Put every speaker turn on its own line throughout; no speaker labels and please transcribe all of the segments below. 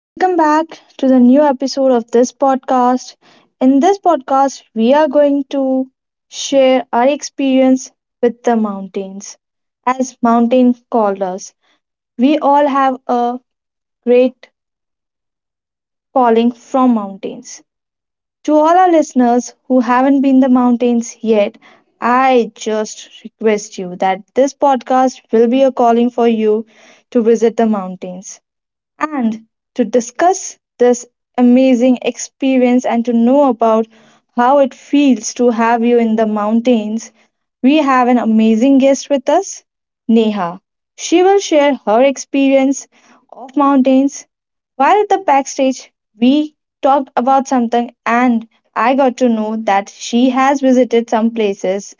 Welcome back to the new episode of this podcast. In this podcast, we are going to share our experience with the mountains as mountain called us. We all have a great calling from mountains. To all our listeners who haven't been the mountains yet, I just request you that this podcast will be a calling for you to visit the mountains. And to discuss this amazing experience and to know about how it feels to have you in the mountains, we have an amazing guest with us, Neha. She will share her experience of mountains. While at the backstage, we talked about something, and I got to know that she has visited some places.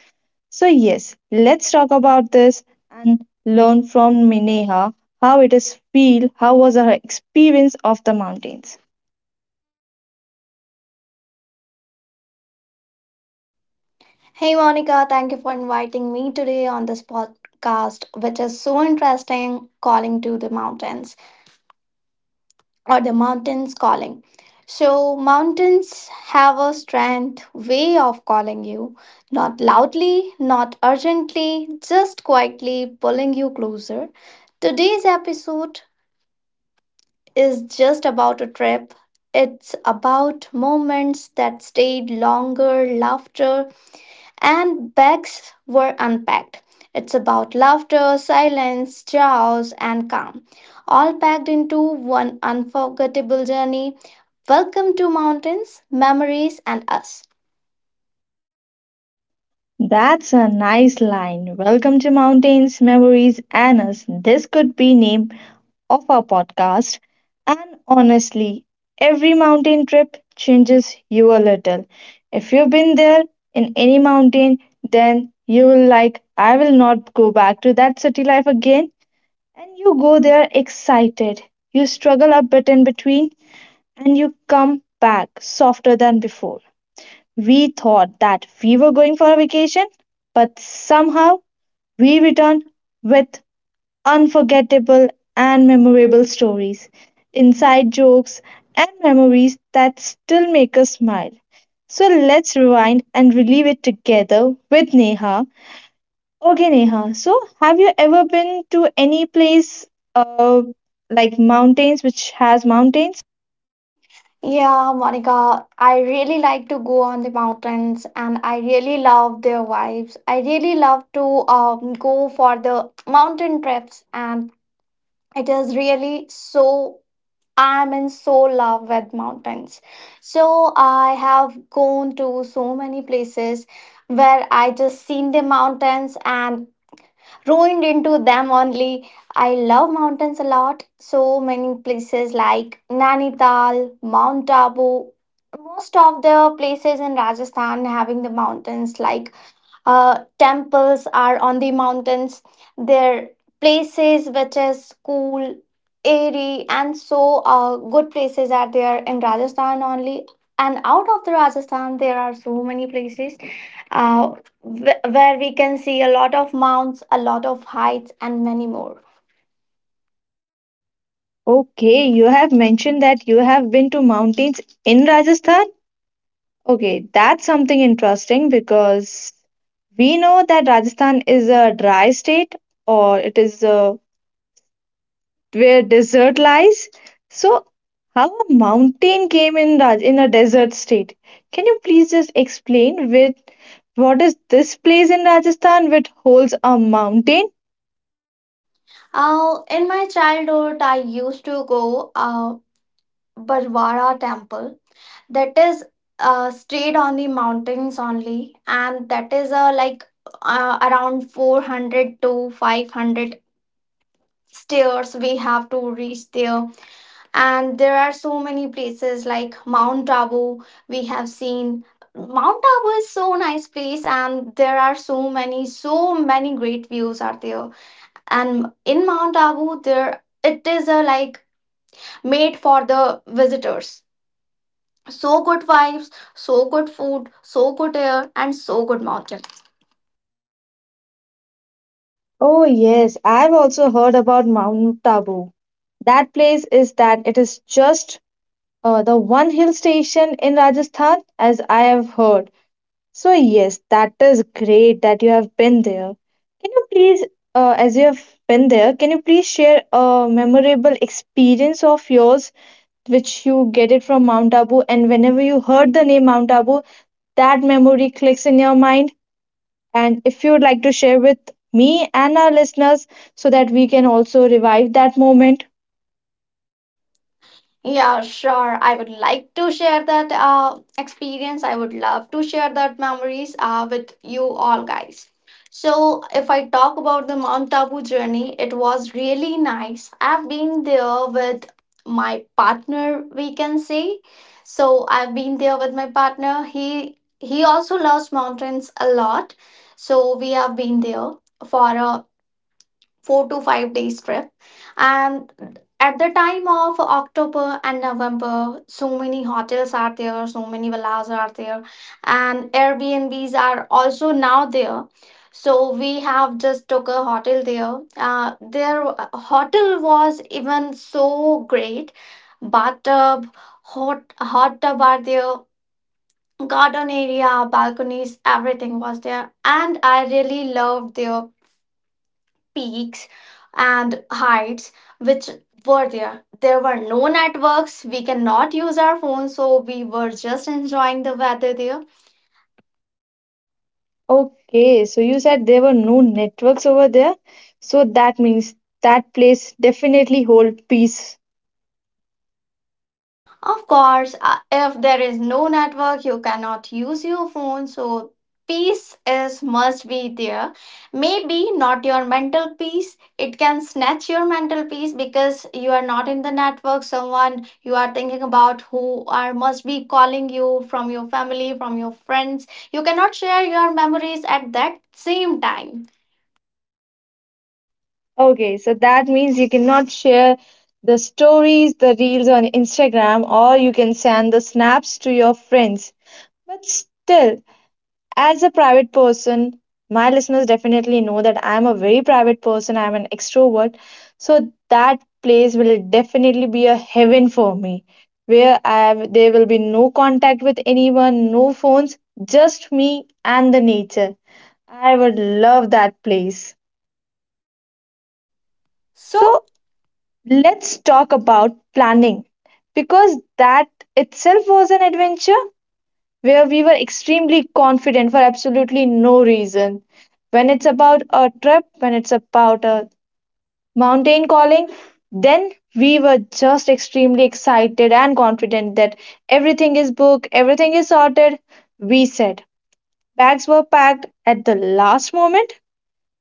So, yes, let's talk about this and learn from Mineha how it is feel, how was her experience of the mountains.
Hey Monica, thank you for inviting me today on this podcast, which is so interesting calling to the mountains or the mountains calling. So, mountains have a strange way of calling you, not loudly, not urgently, just quietly pulling you closer. Today's episode is just about a trip. It's about moments that stayed longer, laughter, and bags were unpacked. It's about laughter, silence, chaos, and calm, all packed into one unforgettable journey. Welcome to Mountains, Memories, and Us.
That's a nice line. Welcome to Mountains, Memories, and Us. This could be name of our podcast. And honestly, every mountain trip changes you a little. If you've been there in any mountain, then you will like, I will not go back to that city life again. And you go there excited. You struggle a bit in between and you come back softer than before. We thought that we were going for a vacation, but somehow we return with unforgettable and memorable stories, inside jokes, and memories that still make us smile. So let's rewind and relive it together with Neha. Okay, Neha. So, have you ever been to any place uh, like mountains which has mountains?
Yeah, Monica, I really like to go on the mountains and I really love their vibes. I really love to go for the mountain trips, and it is really so I'm in so love with mountains. So I have gone to so many places where I just seen the mountains and ruined into them only. I love mountains a lot. So many places like Nainital, Mount Abu. Most of the places in Rajasthan having the mountains like temples are on the mountains. They're places which is cool, airy, and so good places are there in Rajasthan only. And out of the Rajasthan, there are so many places uh, where we can see a lot of mounts, a lot of heights, and many more.
Okay, you have mentioned that you have been to mountains in Rajasthan. Okay, that's something interesting because we know that Rajasthan is a dry state, or it is a where desert lies. So, how a mountain came in Raj in a desert state? Can you please just explain with what is this place in Rajasthan which holds a mountain?
In my childhood, I used to go Barwara temple that is straight on the mountains only, and that is like around 400 to 500 stairs we have to reach there. And there are so many places like Mount Abu we have seen. Mount Abu is so nice place and there are so many great views are there. And in Mount Abu there it is a like made for the visitors. So good vibes, so good food, so good air, and so good mountain.
Oh yes, I've also heard about Mount Tabu. That place is that it is just the one hill station in Rajasthan, as I have heard. So, yes, that is great that you have been there. Can you please, as you have been there, can you please share a memorable experience of yours which you get it from Mount Abu? And whenever you heard the name Mount Abu, that memory clicks in your mind. And if you would like to share with me and our listeners so that we can also revive that moment.
Yeah, sure. I would like to share that experience. I would love to share that memories with you all guys. So, if I talk about the Mount Tabu journey, it was really nice. I've been there with my partner, we can say. So, I've been there with my partner. He also loves mountains a lot. So, we have been there for a 4 to 5 days trip, and at the time of October and November, so many hotels are there, so many villas are there, and Airbnbs are also now there. So we have just took a hotel there. Their hotel was even so great. Bathtub, hot tub are there, garden area, balconies, everything was there. And I really loved their peaks and heights which were there. There were no networks. We cannot use our phones, so we were just enjoying the weather there.
Okay, so you said there were no networks over there. So that means that place definitely hold peace.
Of course, if there is no network, you cannot use your phone. So peace is must be there. Maybe not your mental peace. It can snatch your mental peace because you are not in the network. Someone you are thinking about who are must be calling you from your family, from your friends. You cannot share your memories at that same time.
Okay, so that means you cannot share the stories, the reels on Instagram, or you can send the snaps to your friends. But still, as a private person, my listeners definitely know that I'm a very private person, I'm an extrovert. So that place will definitely be a heaven for me, where I have, there will be no contact with anyone, no phones, just me and the nature. I would love that place. So, let's talk about planning because that itself was an adventure where we were extremely confident for absolutely no reason. When it's about a trip, when it's about a mountain calling, then we were just extremely excited and confident that everything is booked, everything is sorted. We said bags were packed at the last moment,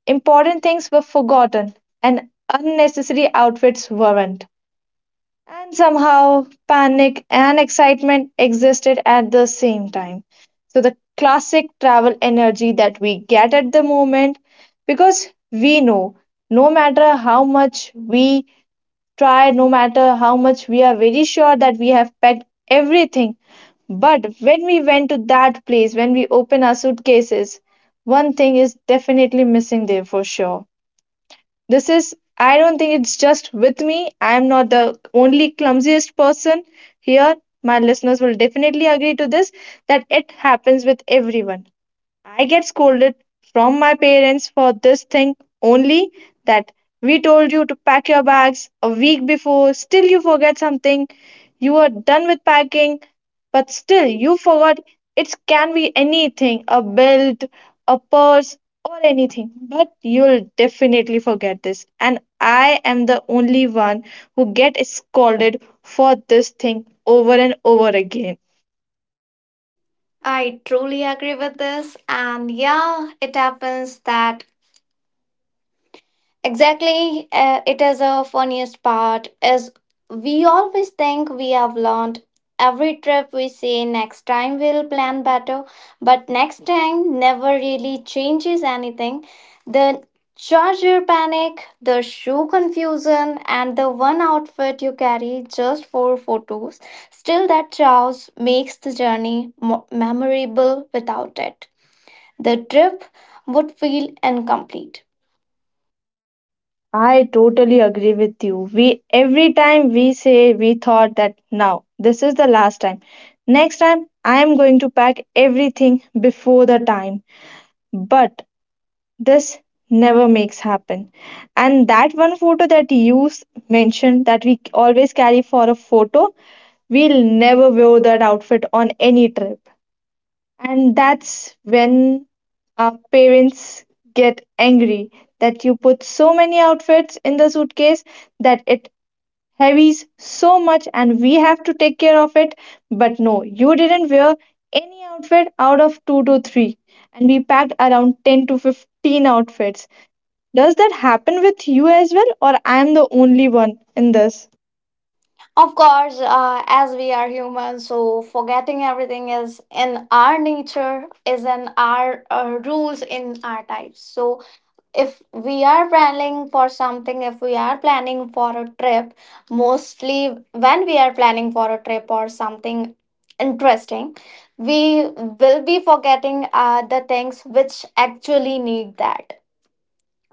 important things were forgotten, and unnecessary outfits weren't. And somehow panic and excitement existed at the same time. So, the classic travel energy that we get at the moment, because we know no matter how much we try, no matter how much we are very sure that we have packed everything, but when we went to that place, when we open our suitcases, one thing is definitely missing there for sure. This is, I don't think it's just with me. I'm not the only clumsiest person here. My listeners will definitely agree to this that it happens with everyone. I get scolded from my parents for this thing only that we told you to pack your bags a week before, still you forget something. You are done with packing, but still you forgot, it can be anything, a belt, a purse, or anything. But you'll definitely forget this. And I am the only one who get scolded for this thing over and over again.
I truly agree with this. And yeah, it happens that exactly, it is a funniest part is we always think we have learned. Every trip we say next time we'll plan better, but next time never really changes anything. The charger panic, the shoe confusion, and the one outfit you carry just for photos. Still, that chaos makes the journey memorable. Without it, the trip would feel incomplete.
I totally agree with you. We every time we say we thought that now this is the last time. Next time I am going to pack everything before the time. But this never makes happen. And that one photo that mentioned that we always carry for a photo, we'll never wear that outfit on any trip. And that's when our parents get angry that you put so many outfits in the suitcase that it heavies so much and we have to take care of it. But no, you didn't wear any outfit out of two to three. And we packed around 10 to 15 outfits. Does that happen with you as well, or I am the only one in this?
Of course, as we are humans, so forgetting everything is in our nature, is in our rules, in our types. So, if we are planning for something, if we are planning for a trip, mostly when we are planning for a trip or something interesting, we will be forgetting the things which actually need that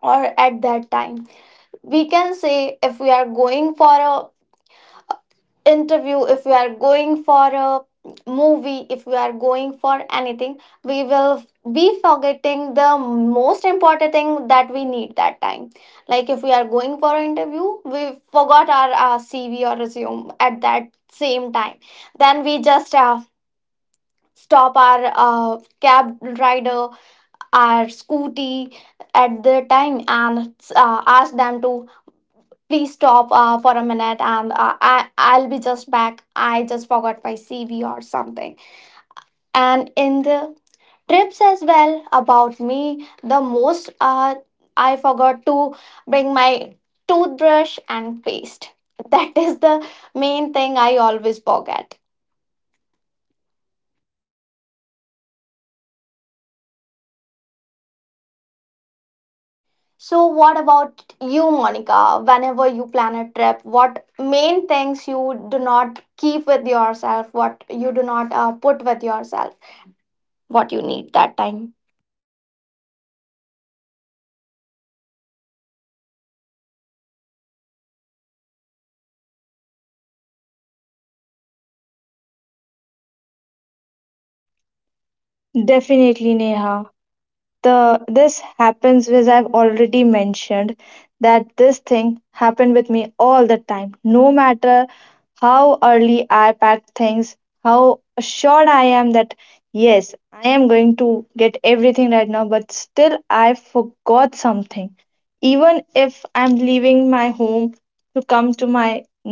or at that time. We can say if we are going for a interview, if we are going for a movie, if we are going for anything, we will be forgetting the most important thing that we need that time. Like if we are going for an interview, we forgot our CV or resume at that same time, then we just stop our cab rider, our scooty at the time, and ask them to please stop for a minute and I'll be just back. I just forgot my CV or something. And in the trips as well, about me, the most I forgot to bring my toothbrush and paste. That is the main thing I always forget. So, what about you, Monica? Whenever you plan a trip, what main things you do not keep with yourself, what you do not put with yourself, what you need that time?
Definitely, Neha, the this happens, as I've already mentioned, that this thing happened with me all the time. No matter how early I pack things, how assured I am that yes I am going to get everything right now, but still I forgot something. Even if I'm leaving my home to come to my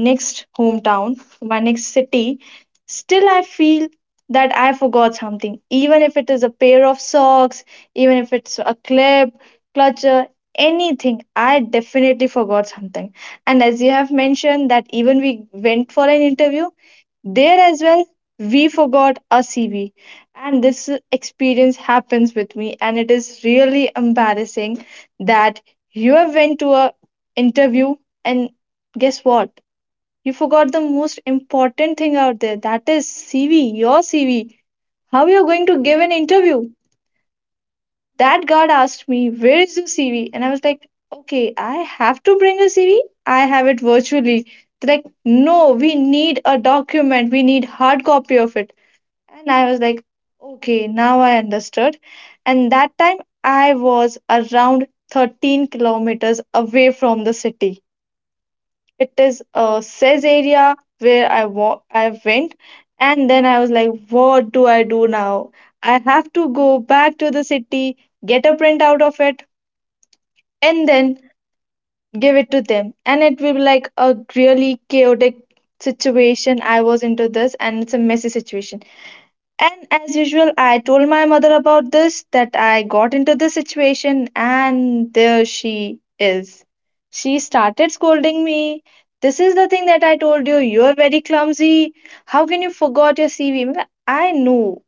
next hometown, to my next city, still I feel that I forgot something, even if it is a pair of socks, even if it's a clip, clutcher, anything. I definitely forgot something. And as you have mentioned, that even we went for an interview, there as well, we forgot a CV. And this experience happens with me, and it is really embarrassing that you have went to a interview and guess what? You forgot the most important thing out there. That is CV, your CV. How you're going to give an interview? That guard asked me, where is your CV? And I was like, okay, I have to bring a CV. I have it virtually. They're like, no, we need a document. We need hard copy of it. And I was like, okay, now I understood. And that time I was around 13 kilometers away from the city. It is a says area where I went, and then I was like, what do I do now? I have to go back to the city, get a print out of it, and then give it to them. And it will be like a really chaotic situation. I was into this, and it's a messy situation. And as usual, I told my mother about this that I got into this situation, and there she is. She started scolding me. This is the thing that I told you. You are very clumsy. How can you forgot your CV? I know,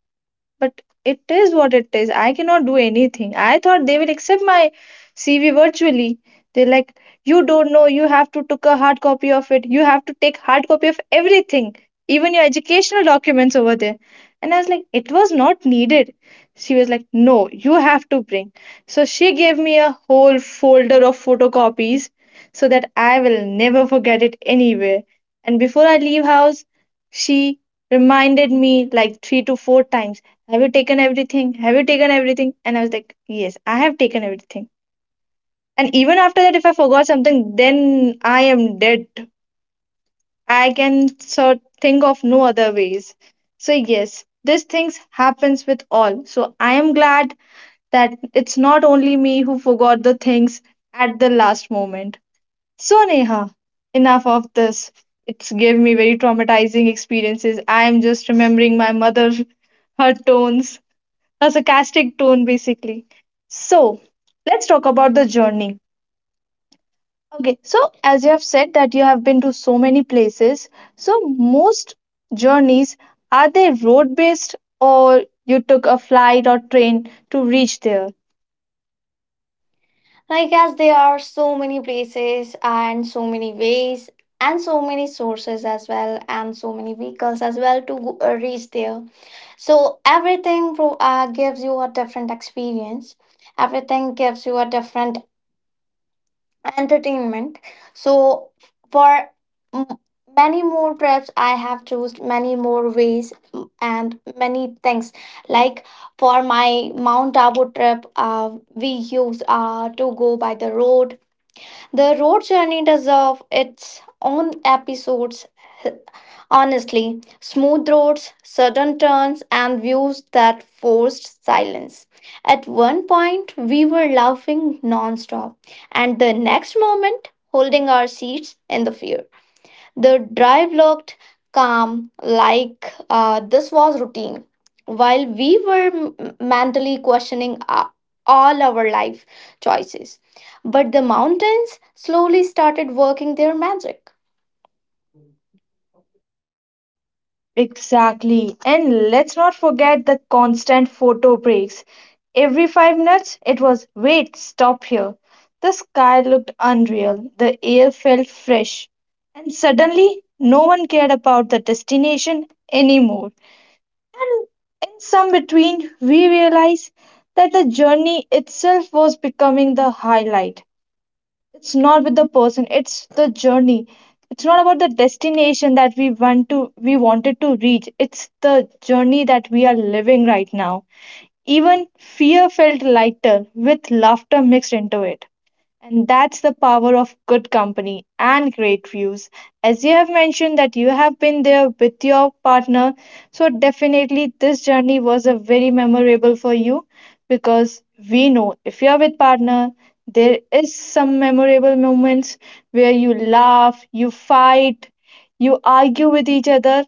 but it is what it is. I cannot do anything. I thought they will accept my CV virtually. They're like, you don't know. You have to took a hard copy of it. You have to take hard copy of everything, even your educational documents over there. And I was like, it was not needed. She was like, no, you have to bring. So she gave me a whole folder of photocopies so that I will never forget it anywhere. And before I leave house, she reminded me like 3 to 4 times, have you taken everything? Have you taken everything? And I was like, yes, I have taken everything. And even after that, if I forgot something, then I am dead. I can sort think of no other ways. So yes, these things happens with all. So I am glad that it's not only me who forgot the things at the last moment. So Neha, enough of this. It's gave me very traumatizing experiences. I am just remembering my mother, her tones, a sarcastic tone basically. So let's talk about the journey. Okay, so as you have said that you have been to so many places, so most journeys, are they road based, or you took a flight or train to reach there?
Like as there are so many places and so many ways and so many sources as well and so many vehicles as well to reach there. So everything gives you a different experience. Everything gives you a different entertainment. So for m- many more trips, I have chosen many more ways and many things. Like for my Mount Abu trip, we used to go by the road. The road journey deserves its own episodes, honestly. Smooth roads, sudden turns, and views that forced silence. At one point, we were laughing nonstop, and the next moment, holding our seats in the fear. The drive looked calm, like this was routine, while we were mentally questioning all our life choices. But the mountains slowly started working their magic.
Exactly. And let's not forget the constant photo breaks. Every 5 minutes, it was wait, stop here. The sky looked unreal, the air felt fresh, and suddenly no one cared about the destination anymore. And in some between, we realized that the journey itself was becoming the highlight. It's not with the person, it's the journey. It's not about the destination that we want to, we wanted to reach, it's the journey that we are living right now. Even fear felt lighter with laughter mixed into it, and that's the power of good company and great views. As you have mentioned that you have been there with your partner, so definitely this journey was a very memorable for you because we know if you are with partner, there is some memorable moments where you laugh, you fight, you argue with each other,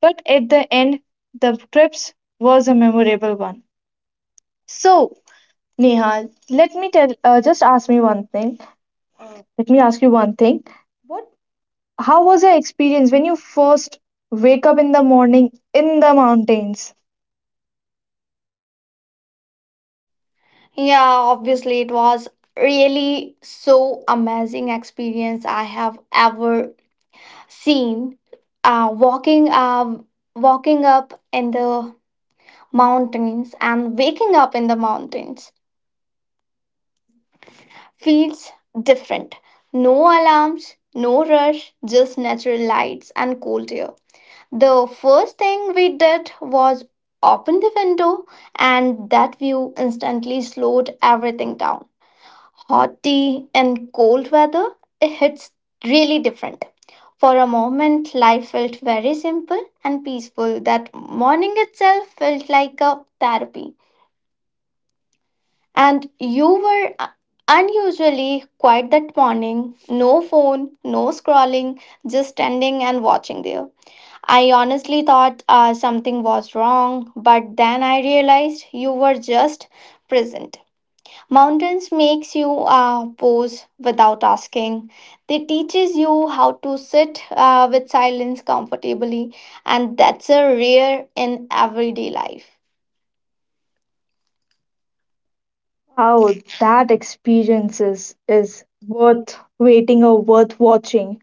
but at the end, the trips was a memorable one. So, Nihal, just ask me one thing, let me ask you one thing. What How was your experience when you first wake up in the morning in the mountains?
Yeah, obviously, it was really so amazing experience I have ever seen. Uh, walking, uh, Walking up in the mountains and waking up in the mountains feels different. No alarms, no rush, just natural lights and cold air. The first thing we did was open the window, and that view instantly slowed everything down. Hot tea and cold weather, it hits really different. For a moment, life felt very simple and peaceful. That morning itself felt like a therapy. And you were unusually quiet that morning. No phone, no scrolling, just standing and watching there. I honestly thought something was wrong, but then I realized you were just present. Mountains makes you pose without asking. They teaches you how to sit with silence comfortably, and that's a rare in everyday life.
How that experience is worth waiting or worth watching.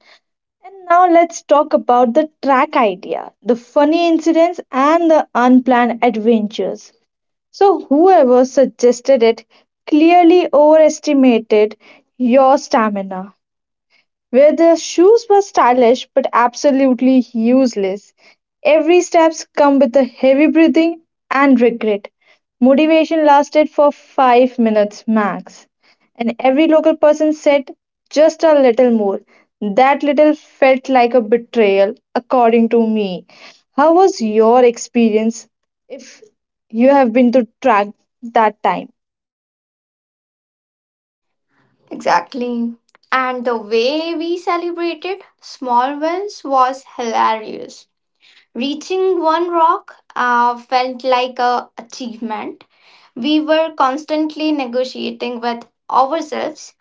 And now let's talk about the track idea, the funny incidents and the unplanned adventures. So whoever suggested it clearly overestimated your stamina, where their shoes were stylish but absolutely useless. Every steps come with a heavy breathing and regret. Motivation lasted for 5 minutes max, and every local person said just a little more. That little felt like a betrayal, according to me. How was your experience if you have been to track that time?
Exactly. And the way we celebrated small wins was hilarious. Reaching one rock felt like a achievement. We were constantly negotiating with ourselves.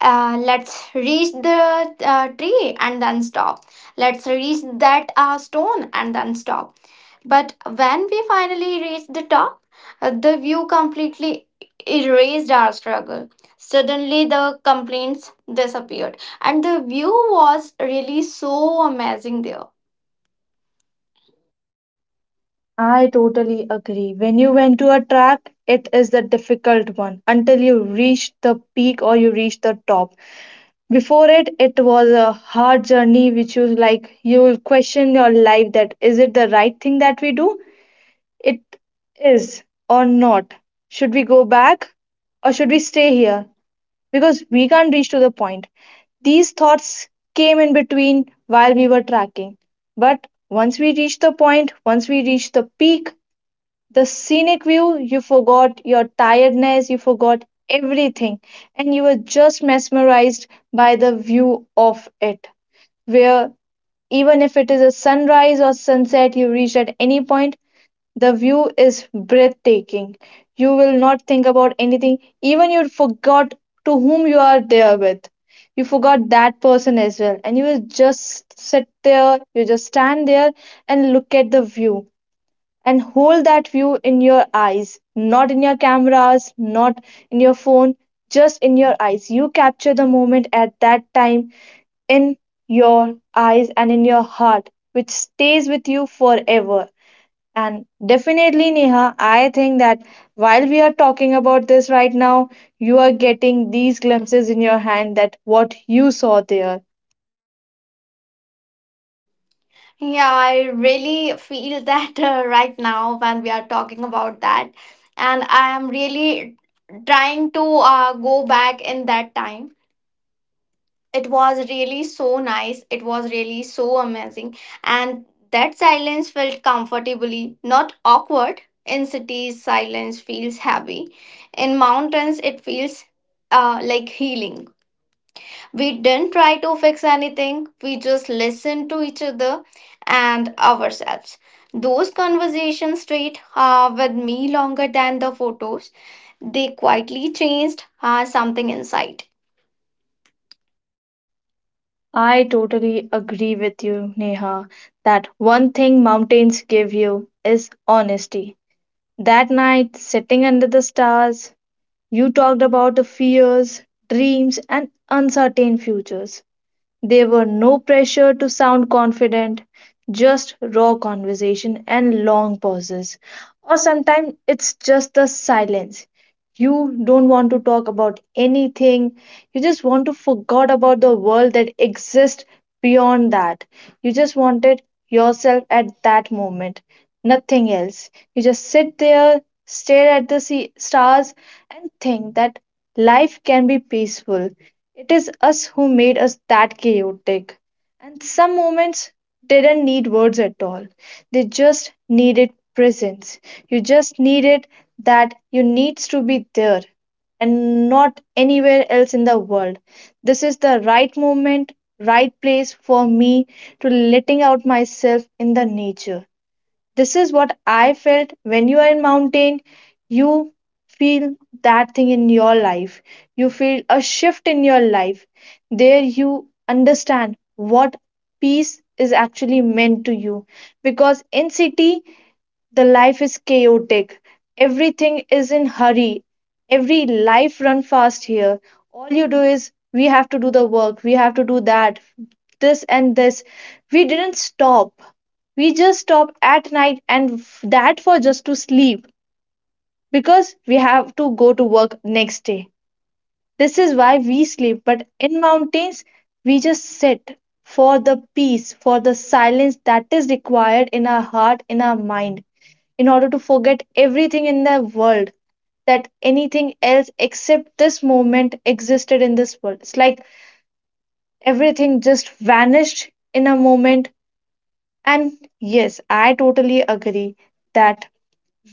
Let's reach the tree and then stop. Let's reach that stone and then stop. But when we finally reached the top, the view completely erased our struggle. Suddenly, the complaints disappeared, and the view was really so amazing there.
I totally agree. When you went to a track, it is the difficult one until you reach the peak or you reach the top. Before it, it was a hard journey which you like, you will question your life that is it the right thing that we do? It is or not. Should we go back or should we stay here? Because we can't reach to the point. These thoughts came in between while we were tracking. But once we reached the point, once we reached the peak, the scenic view, you forgot your tiredness, you forgot everything, and you were just mesmerized by the view of it. Where even if it is a sunrise or sunset you reach at any point, the view is breathtaking. You will not think about anything, even you forgot to whom you are there with. You forgot that person as well, and you will just sit there, you just stand there and look at the view and hold that view in your eyes, not in your cameras, not in your phone, just in your eyes. You capture the moment at that time in your eyes and in your heart, which stays with you forever. And definitely, Neha, I think that while we are talking about this right now, you are getting these glimpses in your hand that what you saw there.
Yeah, I really feel that right now when we are talking about that, and I am really trying to go back in that time. It was really so nice, it was really so amazing. And that silence felt comfortably not awkward. In cities silence feels heavy, in mountains it feels like healing. We didn't try to fix anything, we just listened to each other and ourselves. Those conversations stayed with me longer than the photos. They quietly changed something inside.
I totally agree with you, Neha, that one thing mountains give you is honesty. That night, sitting under the stars, you talked about the fears, dreams, and uncertain futures. There were no pressure to sound confident, just raw conversation and long pauses. Or sometimes it's just the silence. You don't want to talk about anything, you just want to forget about the world that exists beyond that. You just wanted yourself at that moment, nothing else. You just sit there, stare at the sea- stars and think that life can be peaceful, it is us who made us that chaotic, and some moments didn't need words at all. They just needed presence. You just needed that, you needs to be there and not anywhere else in the world. This is the right moment, right place for me, to letting out myself in the nature. This is what I felt when you are in mountain. You feel that thing in your life. You feel a shift in your life. There you understand what peace is actually meant to you, because in city the life is chaotic. Everything is in hurry. Every life run fast here. All you do is we have to do the work. We have to do that. This and this. We didn't stop. We just stop at night and f- that for just to sleep because we have to go to work next day. This is why we sleep. But in mountains, we just sit for the peace, for the silence that is required in our heart, in our mind, in order to forget everything in the world, that anything else except this moment existed in this world. It's like everything just vanished in a moment. And yes, I totally agree that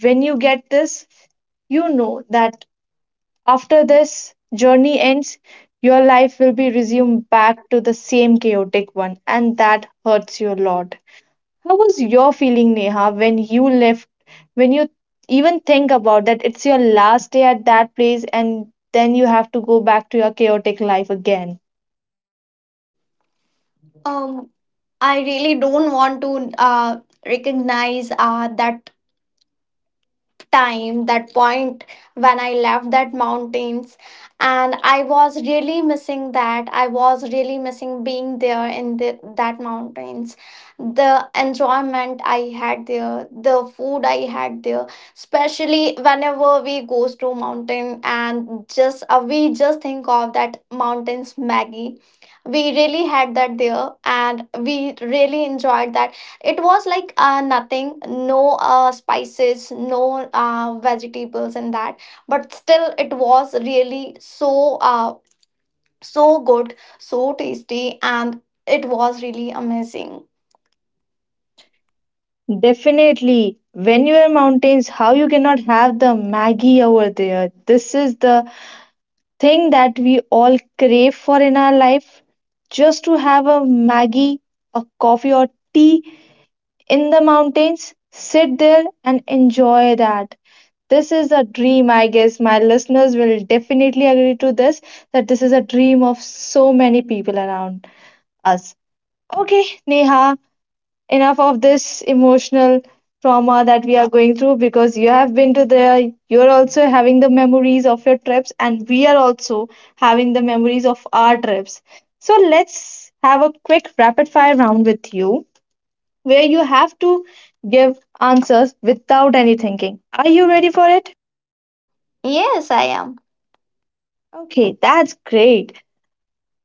when you get this, you know that after this journey ends, your life will be resumed back to the same chaotic one, and that hurts you a lot. How was your feeling, Neha, when you left? When you even think about that, it's your last day at that place, and then you have to go back to your chaotic life again.
Um. I really don't want to recognize that time, that point when I left that mountains. And I was really missing that. I was really missing being there in the, that mountains. The enjoyment I had there, the food I had there, especially whenever we goes to mountain and just we just think of that mountains Maggie. We really had that there, and we really enjoyed that. It was like nothing, no spices, no vegetables in that, but still it was really so uh, so good, so tasty, and it was really amazing.
Definitely, when you are mountains, how you cannot have the Maggie over there? This is the thing that we all crave for in our life. Just to have a Maggie, a coffee, or tea in the mountains, sit there and enjoy that. This is a dream, I guess. My listeners will definitely agree to this that this is a dream of so many people around us. Okay, Neha, enough of this emotional trauma that we are going through, because you have been to there, you're also having the memories of your trips, and we are also having the memories of our trips. So let's have a quick rapid fire round with you where you have to give answers without any thinking. Are you ready for it?
Yes, I am.
Okay, that's great.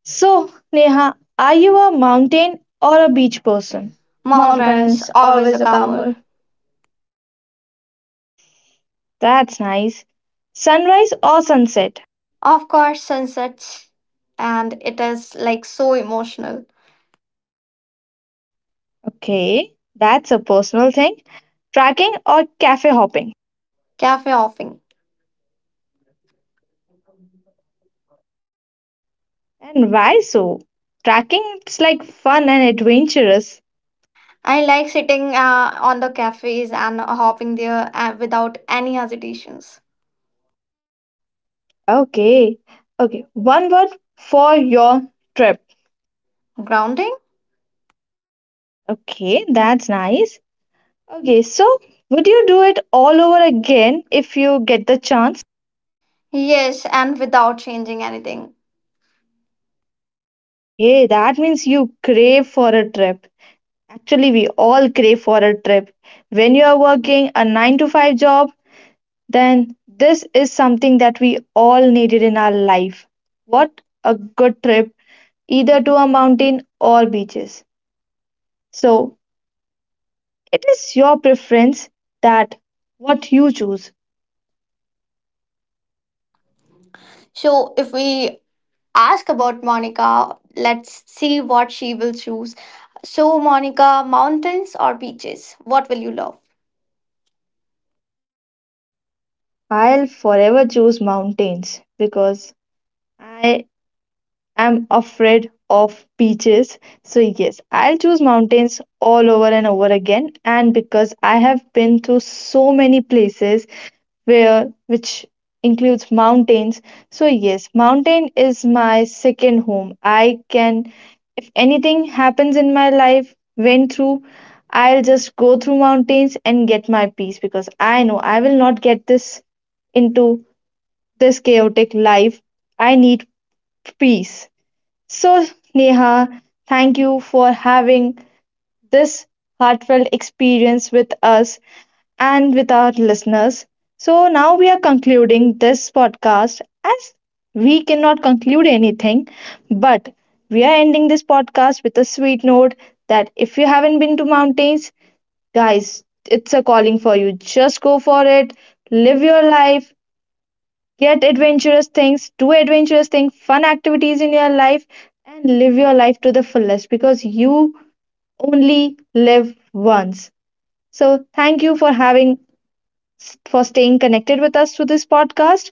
So, Neha, are you a mountain or a beach person?
Mountains,
Mountains,
always a
always a calmer.
calmer.
That's nice. Sunrise or sunset?
Of course, sunsets, and it is like so emotional.
Okay, that's a personal thing. Tracking or cafe hopping?
Cafe hopping.
And why so? Tracking it's like fun and adventurous.
I like sitting on the cafes and hopping there without any hesitations.
Okay. Okay, one word for your trip.
Grounding?
Okay, that's nice. Okay, so would you do it all over again if you get the chance?
Yes, and without changing anything.
Hey, that means you crave for a trip. Actually, we all crave for a trip. When you are working a 9 to 5 job, then this is something that we all needed in our life. What a good trip, either to a mountain or beaches. So, it is your preference that what you choose.
So, if we ask about Monica, let's see what she will choose. So, Monica, mountains or beaches? What will you love?
I'll forever choose mountains because I I'm afraid of beaches. So, yes, I'll choose mountains all over and over again. And because I have been to so many places which includes mountains. So, yes, mountain is my second home. I can, if anything happens in my life, went through, I'll just go through mountains and get my peace, because I know I will not get this into this chaotic life. I need peace. So, Neha, thank you for having this heartfelt experience with us and with our listeners. So, now we are concluding this podcast as we cannot conclude anything, but we are ending this podcast with a sweet note that if you haven't been to mountains, guys, it's a calling for you. Just go for it, live your life, get adventurous things, do adventurous things, fun activities in your life, and live your life to the fullest because you only live once. So, thank you for having, for staying connected with us through this podcast.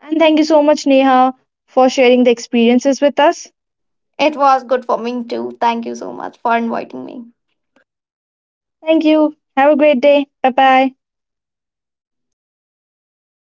And thank you so much, Neha, for sharing the experiences with us.
It was good for me too. Thank you so much for inviting me.
Thank you. Have a great day. Bye bye.
Bye bye.